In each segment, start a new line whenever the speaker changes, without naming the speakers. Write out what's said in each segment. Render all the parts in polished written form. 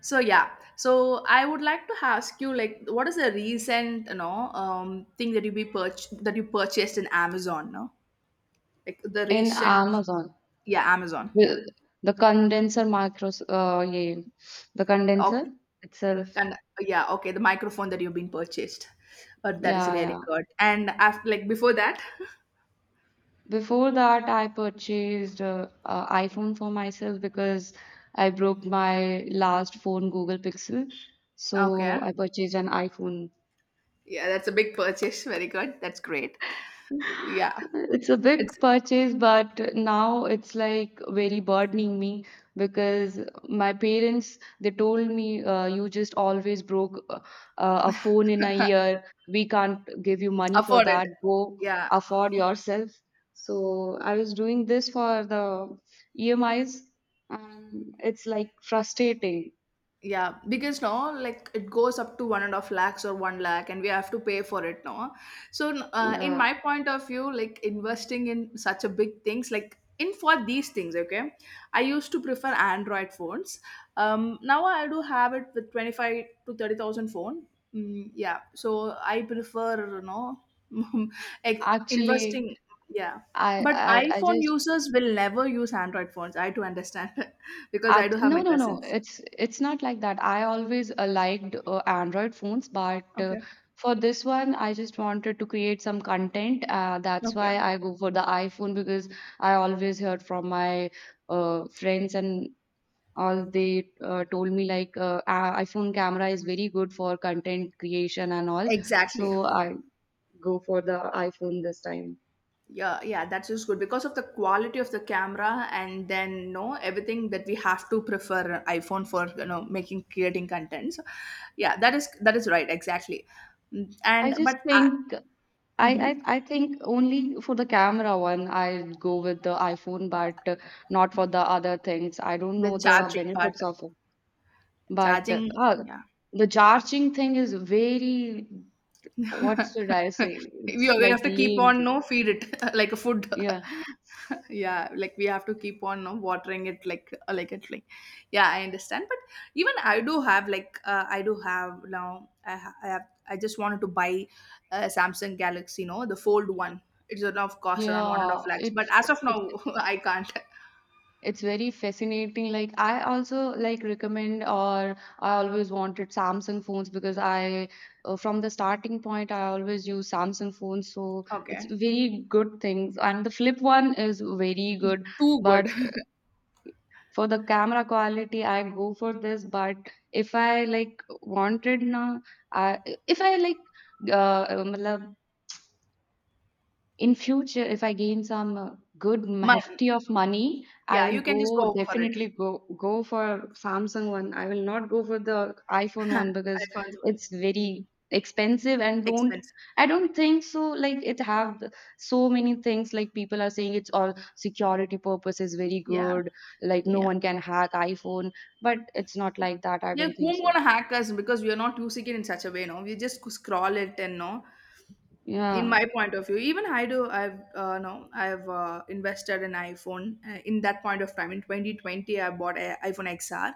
So I would like to ask you like, what is a recent thing that you purchased in Amazon? No, like the
In
recent,
Amazon,
yeah, Amazon, yeah,
the, the condenser yeah, the
okay.
condenser itself.
And yeah, okay, the microphone that you've been purchased, but that is
Yeah,
really
yeah.
good. And after like before that,
Before that, I purchased a iPhone for myself because I broke my last phone, Google Pixel.
okay,
So I purchased an iPhone.
yeah, that's a big purchase. Very good, that's great. Yeah,
It's a
it's
big purchase, but now it's like very burdening me because my parents they told me you just always broke a phone in a year. We can't give you money for
afforded.
that. Go
Yeah.
afford yourself. So I was doing this for the EMIs, and it's like frustrating.
Yeah, because no, like it goes up to 1.5 lakhs or 1 lakh, and we have to pay for it now. So, in
Yeah,
my point of view, like investing in such a big things, like in for these things, okay, I used to prefer Android phones. Now I do have it with 25 to 30,000 phone. Mm, yeah, so I prefer, like
actually,
investing. Yeah,
I
but
I, I
iPhone
just.
users will never use Android phones. I do understand because I do have
No,
my
no, no.
cousins.
It's not like that. I always liked Android phones, but
Okay.
for this one, I just wanted to create some content. That's why
Okay.
I go for the iPhone because I always heard from my friends and all they told me like iPhone camera is very good for content creation and all.
Exactly.
So I go for the iPhone this time.
Yeah, yeah, that's just good because of the quality of the camera and then no everything that we have to prefer iPhone for, making creating contents. Yeah, that is right, exactly. Mm.
I
And
just
but I,
think I,
mhm,
I I think only for the camera one I go with the iPhone, but not for the other things. I don't
the
know the
charging part,
benefits of it. But uh,
charging.
uh,
Yeah,
the charging thing is very, what should I say?
We
It's
we
like
have to keep
lame
on,
thing.
no, feed it like a food.
Yeah.
Yeah, like we have to keep on, no, watering it, like like it. Yeah, I understand. But even I do have like I do have now. I ha- I have I just wanted to buy a Samsung Galaxy. You know, the fold one. It's a now cost around one and a half
Yeah.
lakhs. But
It's
as of now,
it.
I can't.
It's very fascinating. Like I also like recommend or I always wanted Samsung phones because I from the starting point I always use Samsung phones. So it's
Okay,
very good things. And the flip one is very good.
too
But
good.
for the camera quality I go for this. But if I like wanted na I if I like uh, in future if I gain some good
Money.
hefty of money I
Yeah,
will
you can
go
just go for it.
definitely go for samsung one I will not go for the iphone one because
iPhones are
it's very expensive and don't
expensive.
I don't think so like it so many things like people are saying it's all security purpose is very
Yeah,
good like no
yeah.
one can hack iphone but it's not like that I
Yeah,
don't think
whom
so
gonna hack us? Because we are not using it in such a way, no? We just scroll it and no, in
yeah.
my point of view, even I do I've no I've invested in iPhone in that point of time in 2020. I bought a iPhone XR,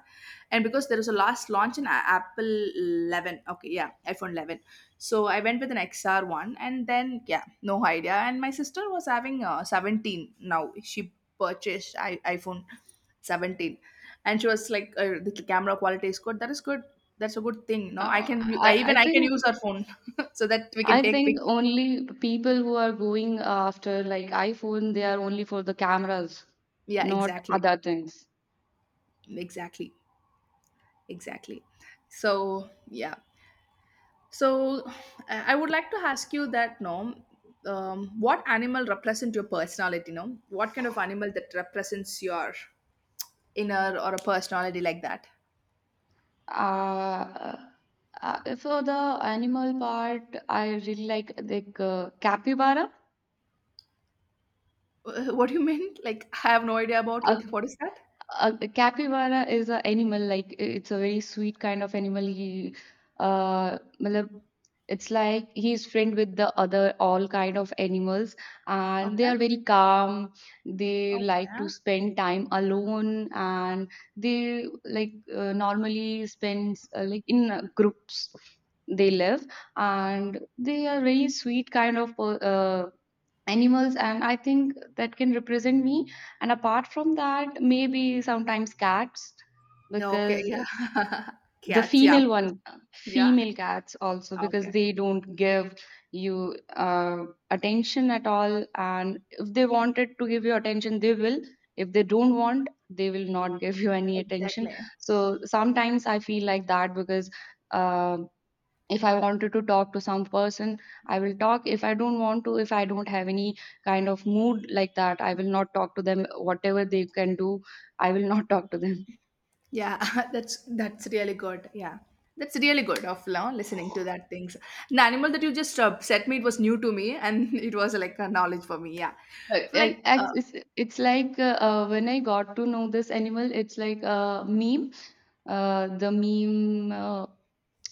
and because there was a last launch in Apple 11, okay, yeah, iPhone 11. So I went with an XR one. And then yeah, no idea. And my sister was having 17. Now she purchased iPhone 17, and she was like, the camera quality is good, that is good. That's a good thing, no? I
Uh,
can u-
i
I,
i
Even I can
think
use her phone so that we can
I
take
think
pics.
only people who are going after like iPhone, they are only for the cameras,
Yeah,
not
exactly.
other things.
Exactly. Exactly. So, yeah. So, I would like to ask you that, no, what animal represents your personality, no? What kind of animal that represents your inner or a personality like that?
Uh, for the animal part, I really like capybara.
What do you mean? Like, I have no idea about
A
it. What is that?
A capybara is an animal like it's a very sweet kind of animal. Matlab, it's like he's friend with the other all kind of animals, and they
Okay.
are very calm. They like to
Okay.
spend time alone, and they like normally spends like in groups. They live, and they are very sweet kind of animals, and I think that can represent me and apart from that, maybe sometimes cats
Okay.
because
Yeah.
the
Cats. Yeah, of
female
course.
one,
Yeah.
female cats also because
Okay.
they don't give you attention at all. And if they wanted to give you attention, they will. If they don't want, they will not give you any attention.
Exactly.
So sometimes I feel like that because. um if I wanted to talk to some person I will talk. If I don't want to, if I don't have any kind of mood like that I will not talk to them whatever they can do I will not talk to them.
Yeah, that's really good. Yeah, that's really good of now listening to that things. The animal that you just set me, it was new to me, and it was like a knowledge for me. Yeah, like
It's like when I got to know this animal, it's like a meme. The meme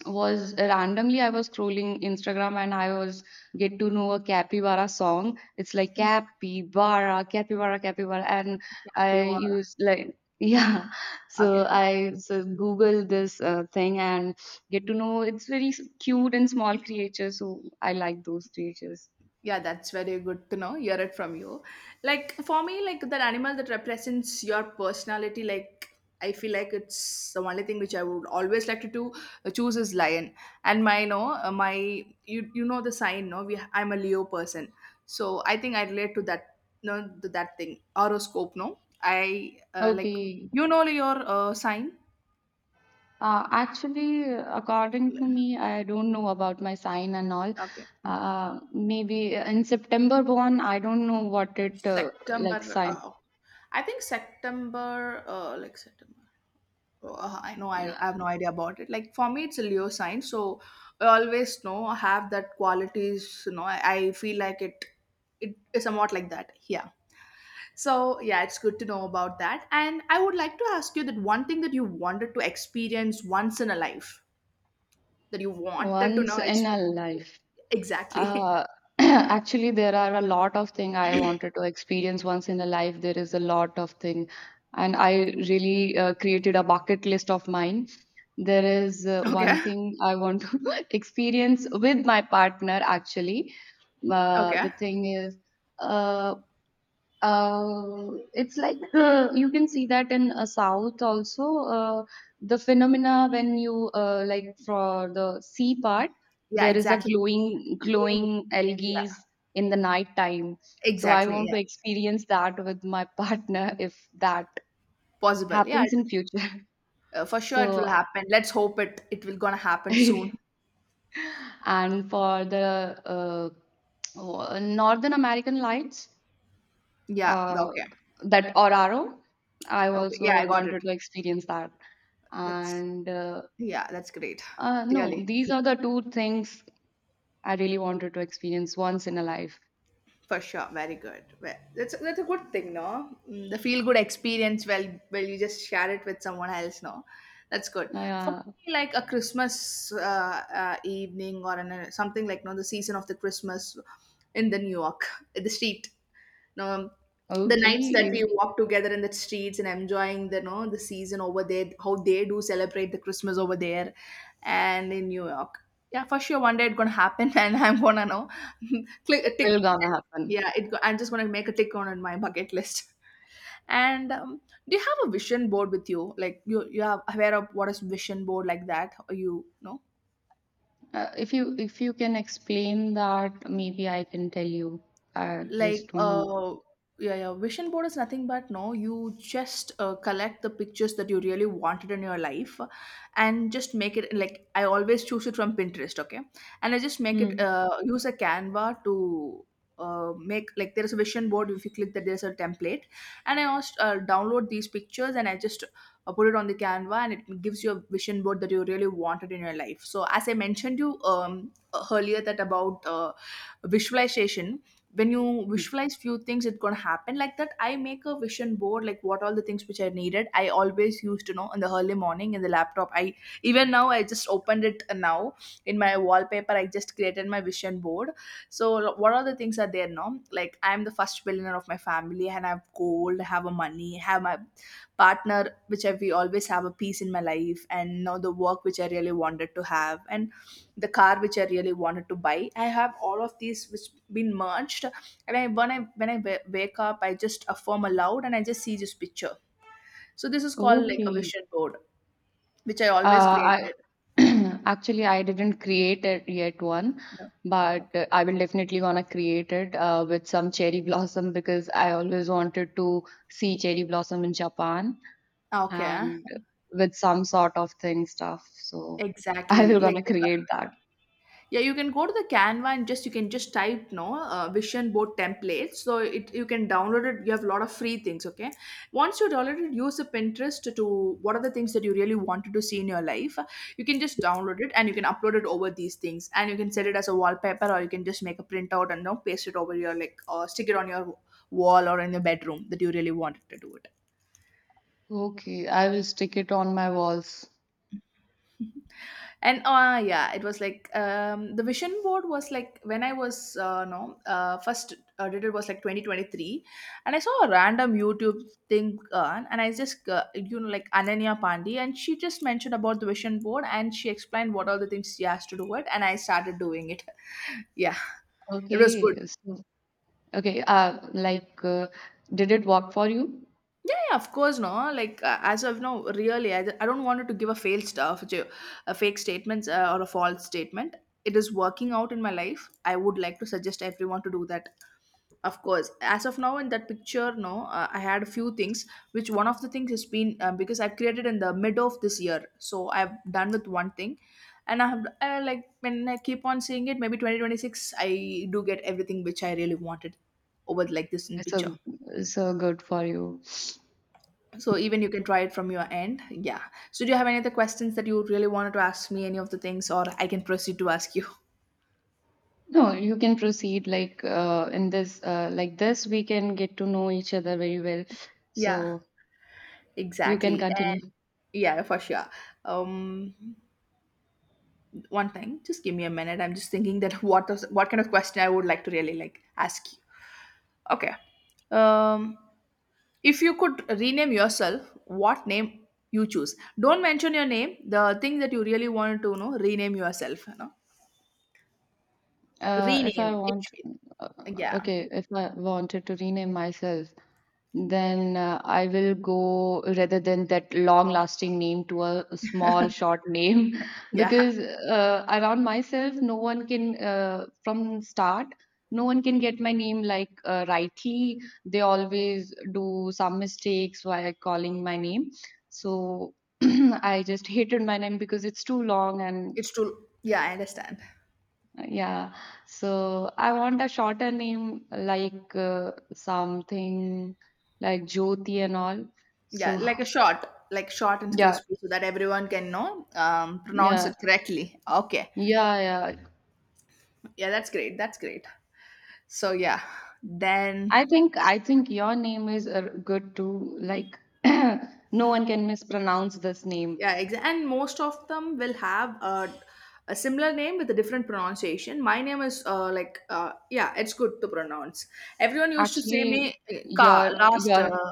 was randomly I was scrolling Instagram and I was get to know a capybara song. It's like capybara, capybara, capybara, and
yeah, we
I
were
use like yeah.
okay.
So I so Google this thing and get to know it's very cute and small creatures. So I like those creatures.
Yeah, that's very good to know, hear it from you. Like for me, like that animal that represents your personality, like I feel like it's the only thing which I would always like to do choose is lion. And my no my, you know the sign, no? we I'm a Leo person, so I think I relate to that, no, to that thing, horoscope, no, I, like,
Okay.
you know, your sign.
Actually, according to me, I don't know about my sign and all.
Okay. Mm.
Maybe in September born, I don't know what it
September,
like sign.
I think September, like September, I know,
uh,
I have no idea about it. Like for me, it's a Leo sign, so I always know have that qualities. You know, I feel like it. It is somewhat like that. Yeah. So yeah, it's good to know about that. And I would like to ask you that one thing that you wanted to experience once in a life, that you wanted to know,
Once in a
experience.
life.
Exactly.
Uh, Actually, there are a lot of thing I wanted to experience once in a life. There is a lot of thing, and I really created a bucket list of mine. There is one
Okay.
thing I want to experience with my partner. Actually, uh,
Okay.
the thing is, uh, it's like you can see that in South also, the phenomena when you like for the sea part
Yeah.
there is a
Exactly.
glowing glowing
Yeah.
algae in the night time. So I
Exactly.
want
Yeah.
to experience that with my partner if that
Possible. Yeah.
happens in future.
For sure, it will
So
happen. Let's hope it. It will gonna happen soon.
and for the Northern American Lights
Yeah.
uh,
Okay.
that Oraro. I
Okay. Yeah,
also
I got it.
wanted to experience that.
That's
And
Yeah, that's great.
No,
Really,
these are the two things I really wanted to experience once in a life.
for sure. Very good. Well, that's a good thing, no? Mm. The feel good experience. Well, you just share it with someone else, no? That's good. For
Yeah,
me, like a Christmas evening or an, something like, no, the season of the Christmas in the New York, in the street. um, the nights that we
okay,
walk together in the streets and enjoying the season over there, how they do celebrate the Christmas over there, and in New York. Yeah, for sure, one day it's gonna happen, and I'm gonna know
it
click tick.
will gonna happen.
Yeah, I'm just gonna make a tick on in my bucket list. And do you have a vision board with you? Like you are aware of what is vision board like that? Or you know?
If you if you can explain that, maybe I can tell you. I
Like
just don't know.
yeah, yeah, vision board is nothing but no, you just collect the pictures that you really wanted in your life, and just make it. Like, I always choose it from Pinterest, okay. And I just make it,
Hmm.
use a Canva to make, like there is a vision board, if you click that, there's a template. And I also download these pictures, and I just put it on the Canva, and it gives you a vision board that you really wanted in your life. So as I mentioned you, earlier, that about visualization, when you visualize few things, it's gonna happen, like that I make a vision board, like what all the things which I needed. I always used to know in the early morning in the laptop. I even now I just opened it now. In my wallpaper I just created my vision board. So what are the things are there now? Like, I'm the first billionaire of my family, and I have gold, I have a money, I have my partner, which we always have a peace in my life. And now the work which I really wanted to have, and the car which I really wanted to buy, I have all of these which been merged. And I when I wake up, I just affirm aloud and I just see this picture. So this is called like a
Okay.
vision board, which I always
Uh, I
created.
actually I didn't create it yet one,
Yeah.
but
Okay.
I will definitely gonna create it with some cherry blossom because I always wanted to see cherry blossom in Japan
Okay,
and with some sort of thing stuff. So I
exactly,
will
like
gonna
you.
create that.
Yeah, you can go to the Canva, and just you can just type, no, vision board templates, so it, you can download it, you have a lot of free things, okay. Once you download it, use the Pinterest to, what are the things that you really wanted to see in your life. You can just download it and you can upload it over these things, and you can set it as a wallpaper, or you can just make a printout and, you know, paste it over your like, or stick it on your wall or in your bedroom that you really wanted to do it.
Okay, I will stick it on my walls.
And yeah, it was like, the vision board was like when I was no first did, it was like 2023. And I saw a random YouTube thing, and I just, you know, like Ananya Pandey, and she just mentioned about the vision board, and she explained what all the things she has to do it, and I started doing it. Yeah, it was good.
Okay, so, okay. Did it work for you?
Yeah, yeah, of course, no. Like as of now, really, I don't want it to give a failed stuff, to a fake statements or a false statement. It is working out in my life. I would like to suggest everyone to do that. Of course, as of now in that picture, no, I had a few things, which one of the things has been because I've created in the mid of this year, so I've done with one thing. And I have like when I keep on seeing it, maybe 2026, I do get everything which I really wanted over like this in
It's a,
picture.
it's a good for you.
So even you can try it from your end. Yeah. So do you have any other questions that you really wanted to ask me? Any of the things, or I can proceed to ask you?
No, you can proceed like in this like this we can get to know each other very well.
Yeah,
So you can
exactly.
continue.
And yeah, for sure. Um, One thing, just give me a minute. I'm just thinking that what is, what kind of question I would like to really like ask you. Okay. Um, if you could rename yourself, what name you choose? Don't mention your name. The thing that you really wanted to know, rename yourself. You know,
If I
rename. It,
want, uh,
yeah,
okay, if I wanted to rename myself, then I will go rather than that long lasting name to a small short name
yeah.
because around myself, no one can, from start, no one can get my name like rightly. They always do some mistakes while calling my name. So I just hated my name because it's too long and
It's too, yeah, I understand.
yeah, so I want a shorter name like something like Jyoti and all.
Yeah,
So
like a short, like short and
yeah,
crispy, so that everyone can know pronounce
yeah,
it correctly. Okay.
yeah, yeah.
Yeah, that's great. That's great. So yeah, then
I think your name is good too. Like no one can mispronounce this name.
yeah, and most of them will have a similar name with a different pronunciation. My name is like yeah, it's good to pronounce. Everyone used to say me
Actually,
ka
your
last.
your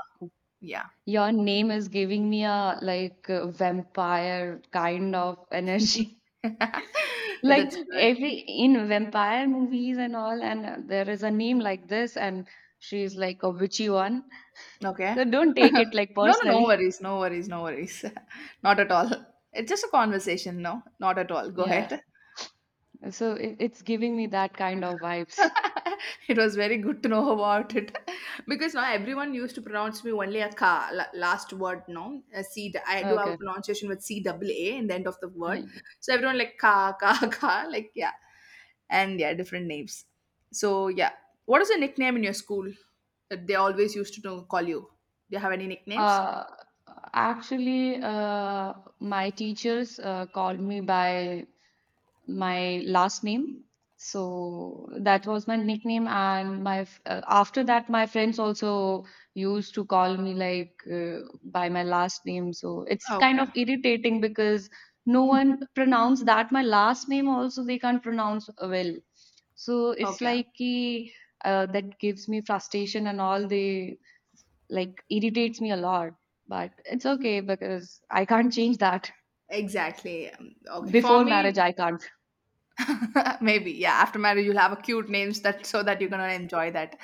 Yeah,
your name is giving me a like vampire kind of energy. Like
that's good.
every in vampire movies and all and there is a name like this and she's like a witchy one,
Okay.
so don't take it like
No, no, no
personally,
worries. No worries. No worries. Not at all. It's just a conversation. No, not at all. Go
yeah,
ahead.
so it, it's giving me that kind of vibes.
It was very good to know about it because now everyone used to pronounce me only a last word. No, a C. I do have a
Okay.
pronunciation with C double A in the end of the word, so everyone like ka ka ka. Like yeah, and yeah, different names. So yeah, what is the nickname in your school that they always used to call you? Do you have any nicknames?
uh actually My teachers called me by my last name. So that was my nickname, and after that, my friends also used to call me like by my last name. So it's kind
Okay.
of irritating because no one pronounced that my last name also they can't pronounce well. So it's
Okay.
like that gives me frustration and all. They like irritates me a lot, but it's okay because I can't change that.
Exactly. Okay. For
Before marriage,
me,
I can't.
maybe, yeah. After marriage, you'll have a cute names that so that you're gonna enjoy that.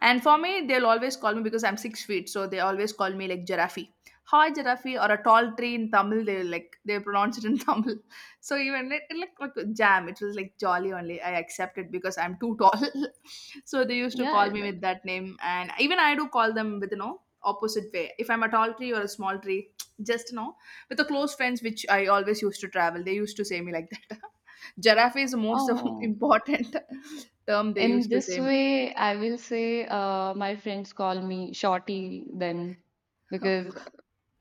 And for me, they'll always call me because I'm 6 feet, so they always call me like giraffe. Hi, giraffe, or a tall tree in Tamil. They like they pronounce it in Tamil. So even it looked like a jam. It was like jolly only. I accepted because I'm too tall. So they used to call
Yeah.
me with that name, and even I do call them with, you know, opposite way. If I'm a tall tree or a small tree, just, you know, with the close friends which I always used to travel, they used to say me like that. Giraffe is the
Oh,
important term they
in
used to
this
say.
way, I will say my friends call me Shorty then because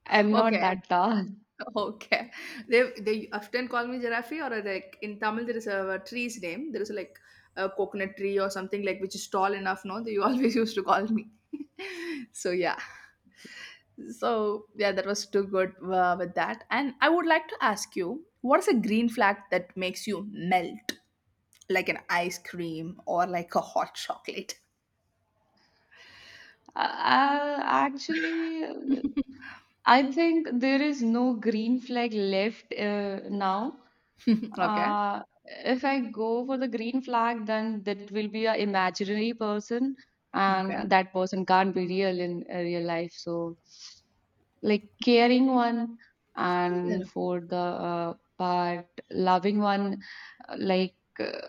I'm not
Okay,
that tall.
okay. They often call me giraffe or like in Tamil there is a tree's name. There is like a coconut tree or something like which is tall enough. No, they always used to call me. So yeah, so yeah, that was too good with that. And I would like to ask you, what is a green flag that makes you melt like an ice cream or like a hot chocolate?
Actually, I think there is no green flag left now.
Okay,
If I go for the green flag, then that will be an imaginary person, and that person can't be real in real life. So. Like caring one and
okay.
for the part loving one. Like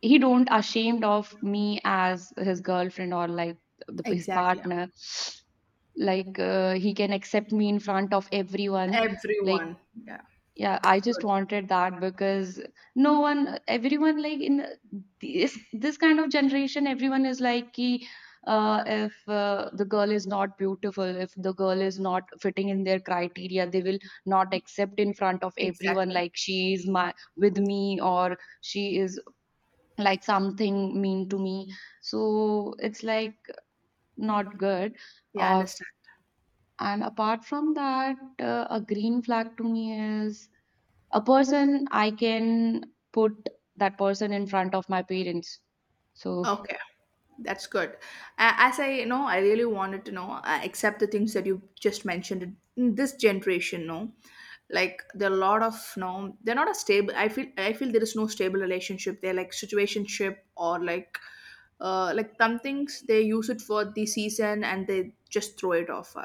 he don't ashamed of me as his girlfriend or like his
Exactly.
partner. Like he can accept me in front of everyone. Like
Everyone. Yeah.
yeah, I just
Good.
wanted that because no one, everyone like in this kind of generation, everyone is like if the girl is not beautiful, if the girl is not fitting in their criteria, they will not accept in front of everyone
Exactly.
like she is my with me or she is like something mean to me. So it's like not good.
Yeah, I
Of
understand.
and apart from that, a green flag to me is a person I can put that person in front of my parents so
Okay. That's good. As I, you know, I really wanted to know, except the things that you just mentioned in this generation, no, like there are a lot of no, they're not a stable. I feel there is no stable relationship. They're like situationship or like some things they use it for the season and they just throw it off.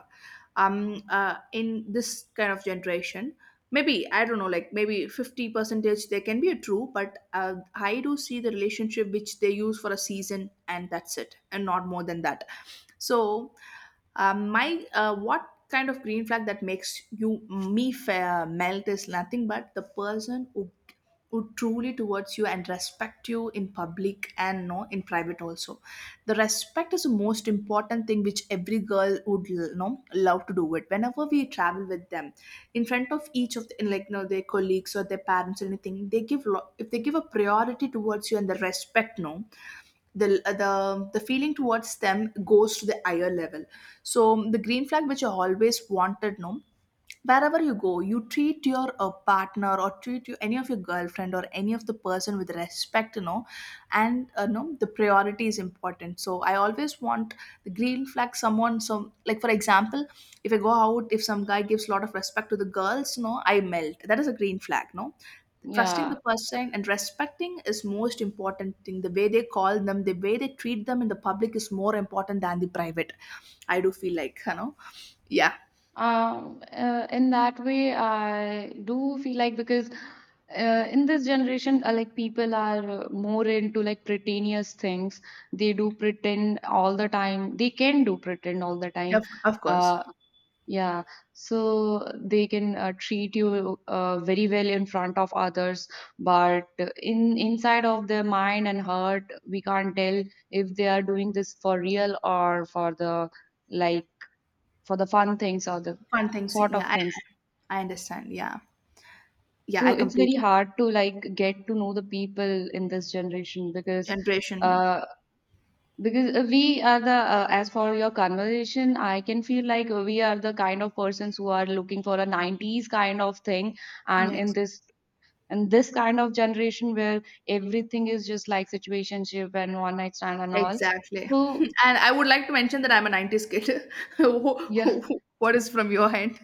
In this kind of generation, maybe I don't know like maybe 50 percentage there can be a true, but I do see the relationship which they use for a season and that's it and not more than that. So my what kind of green flag that makes you me fair melt is nothing but the person who truly towards you and respect you in public and no in private also. The respect is the most important thing which every girl would, you know, love to do it whenever we travel with them in front of each of the, like no their colleagues or their parents or anything. They give if they give a priority towards you and the respect, no, the the feeling towards them goes to the higher level. So the green flag which I always wanted no, wherever you go you treat your partner or treat you any of your girlfriend or any of the person with respect, you know. And no the priority is important, so I always want the green flag someone some, like for example, if I go out, if some guy gives a lot of respect to the girls, you know, I melt. That is a green flag, no, trusting the
yeah.
person and respecting is most important thing. The way they call them, the way they treat them in the public is more important than the private. I do feel like, you know, yeah.
In that way, I do feel like because in this generation, like people are more into like pretentious things. They do pretend all the time. They can do pretend all the time.
Of course.
Uh, yeah, so they can treat you very well in front of others, but in inside of their mind and heart, we can't tell if they are doing this for real or for the like for the fun things or the
Fun things.
sort of
Yeah,
things.
I understand. Yeah. Yeah,
So
I
it's
complete
very hard to like get to know the people in this generation
generation.
uh because we are the as for your conversation, I can feel like we are the kind of persons who are looking for a 90s kind of thing and
Yes.
in this kind of generation where everything is just like situationship and one night stand and all.
Exactly.
So
And I would like to mention that I'm a 90s kid.
yeah,
What is from your end?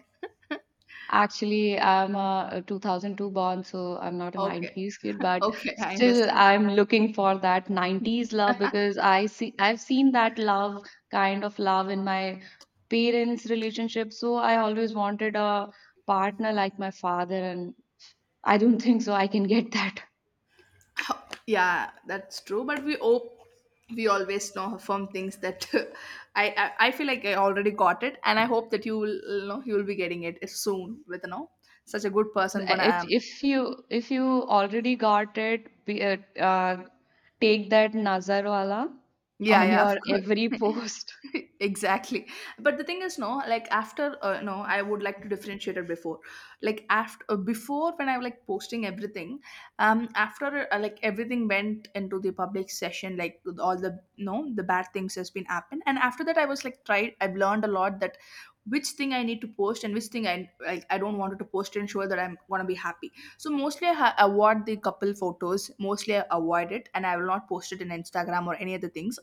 actually, I'm a 2002 born, so I'm not a
Okay.
90s kid, but
Okay, I
still
understand.
I'm looking for that 90s love because I see I've seen that love kind of love in my parents' relationship. So I always wanted a partner like my father, and I don't think so I can get that.
Yeah, that's true. But we hope we always know from things that I feel like I already got it, and I hope that you will, you know, you will be getting it soon with, you know, such a good person gonna
If
um,
if you if you already got it, take that nazar wala
yeah,
on
yeah, of
your every
course.
post.
Exactly. But the thing is no, like after no I would like to differentiate it before, like after before when I was like posting everything, after like everything went into the public session like with all the no the bad things has been happened. And after that I was like tried, I've learned a lot that which thing I need to post and which thing I like I don't want to post to ensure that I'm gonna be happy. So mostly I avoid the couple photos. Mostly I avoid it, and I will not post it in Instagram or any other things.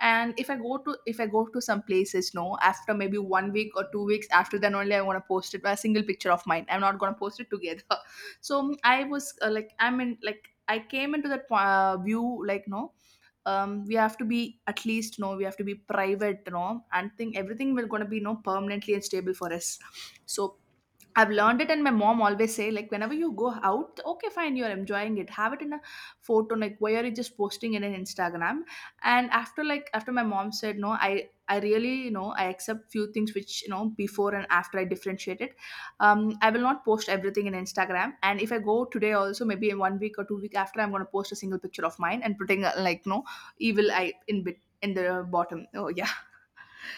And if I go to if I go to some places, no, after maybe 1 week or 2 weeks, after then only I wanna post it a single picture of mine. I'm not gonna post it together. So I was like I'm in like I came into that view like no, we have to be at least no, we have to be private, no, and think everything will gonna be no permanently and stable for us. So I've learned it, and my mom always say like, whenever you go out, okay, fine, you're enjoying it. Have it in a photo, like why are you just posting it in Instagram. And after like after my mom said no, I really, you know, I accept few things which, you know, before and after I differentiate it. I will not post everything in Instagram. And if I go today also, maybe in 1 week or 2 week after, I'm gonna post a single picture of mine and putting like no evil eye in bit in the bottom. Oh yeah.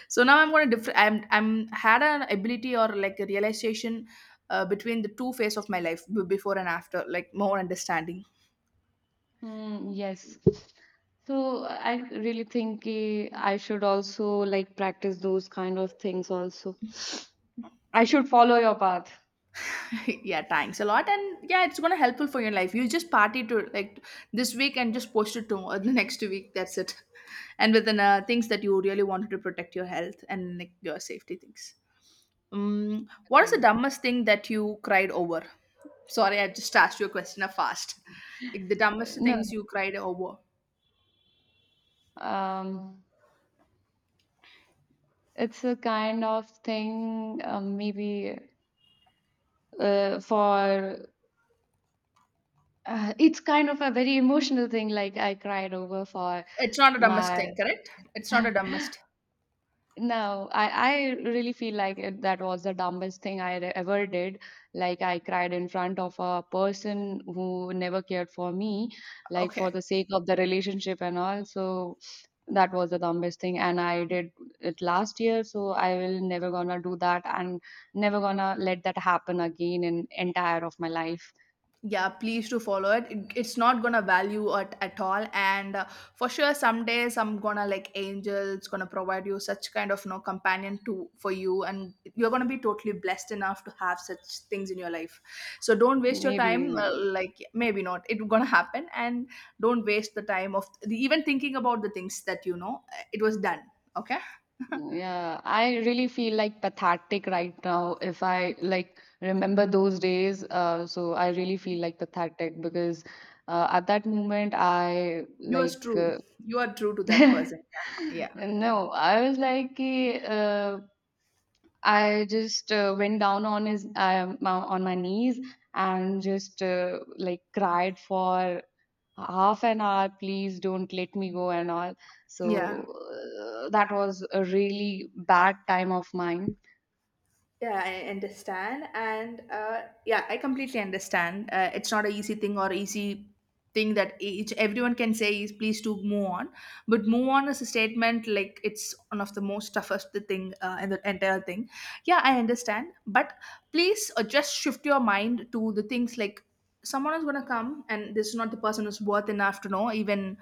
So now I'm going to differ I'm had an ability or like a realization between the two phase of my life, before and after, like more understanding.
Hmm, yes. So I really think I should also like practice those kind of things also. I
Yeah.
should follow your path.
Yeah, thanks a lot, and yeah, it's gonna helpful for your life. You just party to like this week and just post it to or the next week, that's it. And with things that you really wanted to protect your health and like your safety things. Um, what is the
Okay.
dumbest thing that you cried over? Sorry, I just asked you a question fast, like the dumbest
No,
things you cried over.
no. It's a kind of thing, maybe for it's kind of a very emotional thing. Like I cried over for
It's not a dumbest
my.
thing, correct, it's not a dumbest.
No, I really feel like it, that was the dumbest thing ever did. Like, I cried in front of a person who never cared for me, like, for
Okay.
the sake of the relationship and all. So, that was the dumbest thing. And I did it last year. So, I will never gonna do that and never gonna let that happen again in entire of my life.
Yeah, please do follow it. It's not gonna value it at all. And for sure someday some days I'm gonna like angels gonna provide you such kind of no companion to for you, and you're gonna be totally blessed enough to have such things in your life. So don't waste your time
Maybe.
like maybe not it's gonna happen, and don't waste the time of the, even thinking about the things that, you know, it was done. Okay.
Yeah, I really feel like pathetic right now. If I like remember those days, so I really feel like pathetic because at that moment I
You are
like
true. You are true to that person. Yeah,
no, I was like I just went down on his on my knees and just like cried for half an hour, please don't let me go and all,
yeah.
so that was a really bad time of mine.
Yeah, I understand, and yeah, I completely understand. It's not an easy thing or easy thing that each everyone can say is please to move on, but move on is a statement, like it's one of the most toughest the thing in the entire thing. Yeah, I understand, but please just shift your mind to the things like someone is gonna come, and this is not the person who's worth enough to know even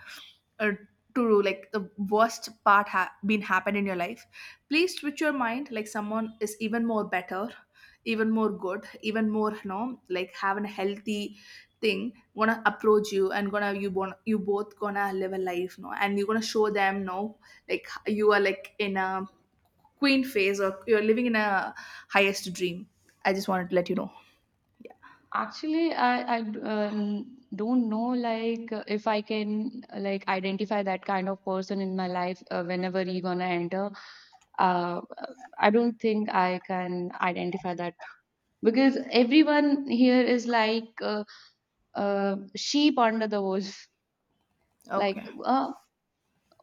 uh, to like the worst part been happened in your life. Please switch your mind like someone is even more better, even more good, even more, no, like having a healthy thing gonna approach you, and gonna you you both gonna live a life, no, and you're gonna show them, no, like you are like in a queen phase or you're living in a highest dream. I just wanted to let you know.
Actually I don't know like if I can like identify that kind of person in my life whenever he gonna enter. uh, I don't think I can identify that because everyone here is like sheep under the wolf. Like
Okay.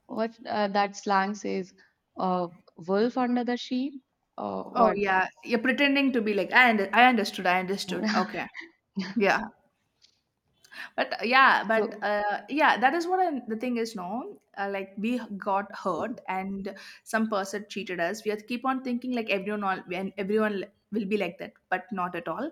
what that slang says, uh, wolf under the sheep, or
Oh
what?
yeah, you're pretending to be like I understood. Okay. Yeah, but yeah, but
So,
yeah, that is what I the thing is, no, like we got hurt, and some person cheated us, we have to keep on thinking like everyone, all and everyone will be like that. But not at all.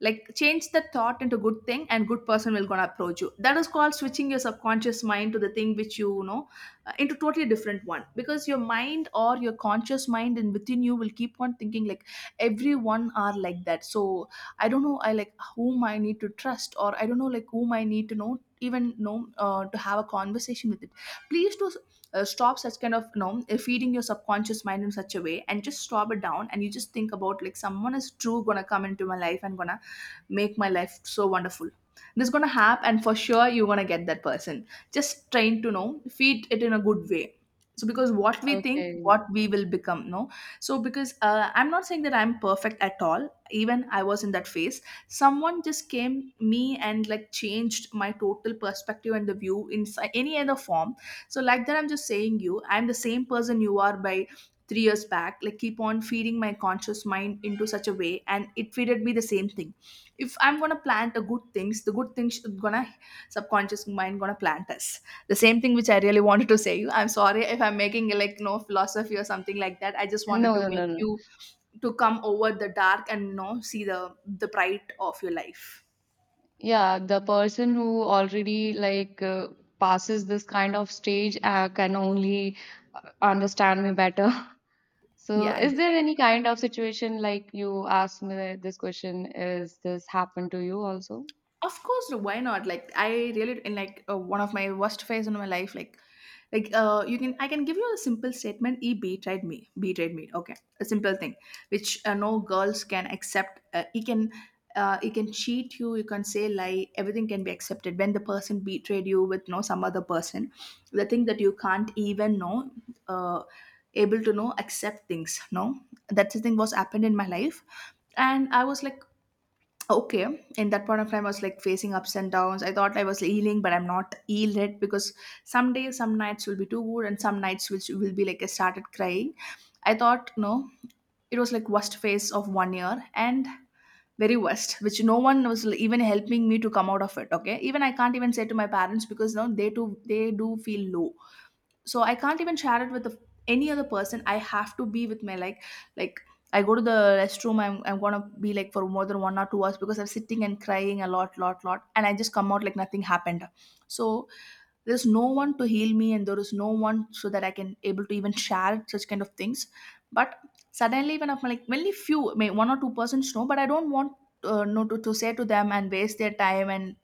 Like change the thought into good thing, and good person will gonna approach you. That is called switching your subconscious mind to the thing which into totally different one, because your mind or your conscious mind and within you will keep on thinking like everyone are like that. So I don't know, I like whom I need to trust, or I don't know, like whom I need to know, even know to have a conversation with it. Please do stop such kind of feeding your subconscious mind in such a way, and just stop it down. And you just think about like someone is true gonna come into my life and gonna make my life so wonderful. This is gonna happen, and for sure you're gonna get that person. Just train to know, feed it in a good way. So because what we think,
okay.
what we will become, no. So because I'm not saying that I'm perfect at all, even I was in that phase. Someone just came me and like changed my total perspective and the view in any other form. So like that, I'm just saying you, I'm the same person you are by 3 years back, like keep on feeding my conscious mind into such a way, and it feeded me the same thing. If I'm gonna plant a good things, the good things should gonna, subconscious mind gonna plant us the same thing, which I really wanted to say you. I'm sorry if I'm making like no philosophy or something like that. I just wanted
No,
to
no, no,
make
no.
you to come over the dark and see the bright of your life.
Yeah, the person who already like passes this kind of stage can only understand me better. So,
Yeah,
is
exactly.
there any kind of situation like you asked me this question? Is this happened to you also?
Of course, why not? Like I really in like one of my worst phase in my life. Like, you can I can give you a simple statement. E betrayed me. Betrayed me. Okay, a simple thing, which no girls can accept. He can cheat you. You can say lie. Everything can be accepted when the person betrayed you with no some other person. The thing that you can't even know, uh, able to know accept things. No, that's the thing was happened in my life, and I was like, okay, in that point of time, I was like facing ups and downs. I thought I was healing, but I'm not healed yet, because some days, some nights will be too good, and some nights which will be like I started crying. I thought, no, it was like worst phase of one year and very worst, which no one was like even helping me to come out of it. Okay, even I can't even say to my parents, because no, they too they do feel low, so I can't even share it with the, any other person. I have to be with my, like, like I go to the restroom. I'm gonna be like for more than 1 or 2 hours because I'm sitting and crying a lot lot lot, and I just come out like nothing happened. So there's no one to heal me, and there is no one so that I can able to even share such kind of things. But suddenly when I'm like, only few, may one or two persons know, but I don't want no to say to them and waste their time, and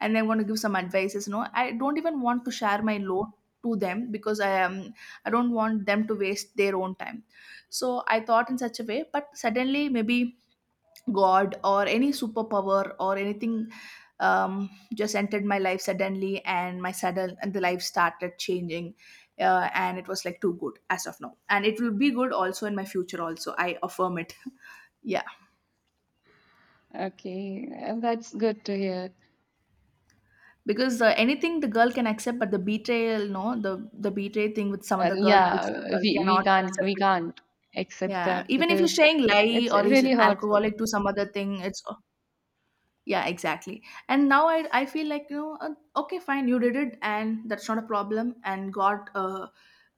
and I want to give some advices. You know, I don't even want to share my load to them, because I don't want them to waste their own time. So I thought in such a way, but suddenly maybe God or any superpower or anything just entered my life suddenly, and my sudden and the life started changing. And it was like too good as of now, and it will be good also in my future also, I affirm it. Yeah.
Okay, that's good to hear.
Because anything the girl can accept, but the betrayal, no, the betray thing with some other
And
girl which the
yeah,
girl cannot
we
accept it.
can't accept
Yeah,
that
even if you're
because
saying lie
it's
or he's
really
an
hurtful.
alcoholic to some other thing, it's. Yeah, exactly. And now I feel like, you know, okay fine, you did it, and that's not a problem. And god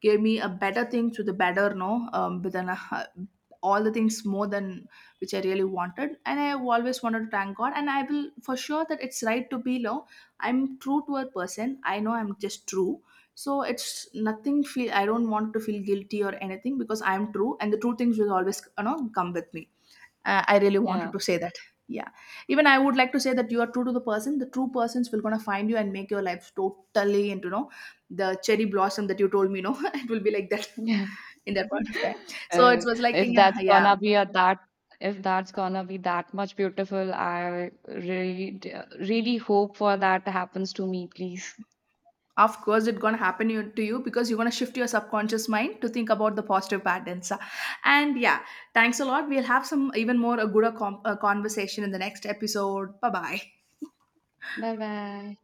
gave me a better thing to the better, no. But then all the things more than which I really wanted, and I have always wanted to thank god, and I will for sure that it's right to be low. I'm true to a person, I know I'm just true. So it's nothing feel. I don't want to feel guilty or anything, because I'm true, and the true things will always come with me. I really wanted
Yeah.
to say that. Yeah, even I would like to say that you are true to the person, the true persons will gonna find you and make your life totally into, you know, the cherry blossom that you told me, no. It will be like that. In that point of time. So
Uh,
it was like,
if
yeah,
that's
yeah.
gonna be a that If that's gonna be that much beautiful, I really really hope for that happens to me, please.
Of course it's gonna happen to you, because you're gonna shift your subconscious mind to think about the positive patterns. And yeah, thanks a lot, we'll have some even more a good conversation in the next episode. Bye bye.
Bye bye.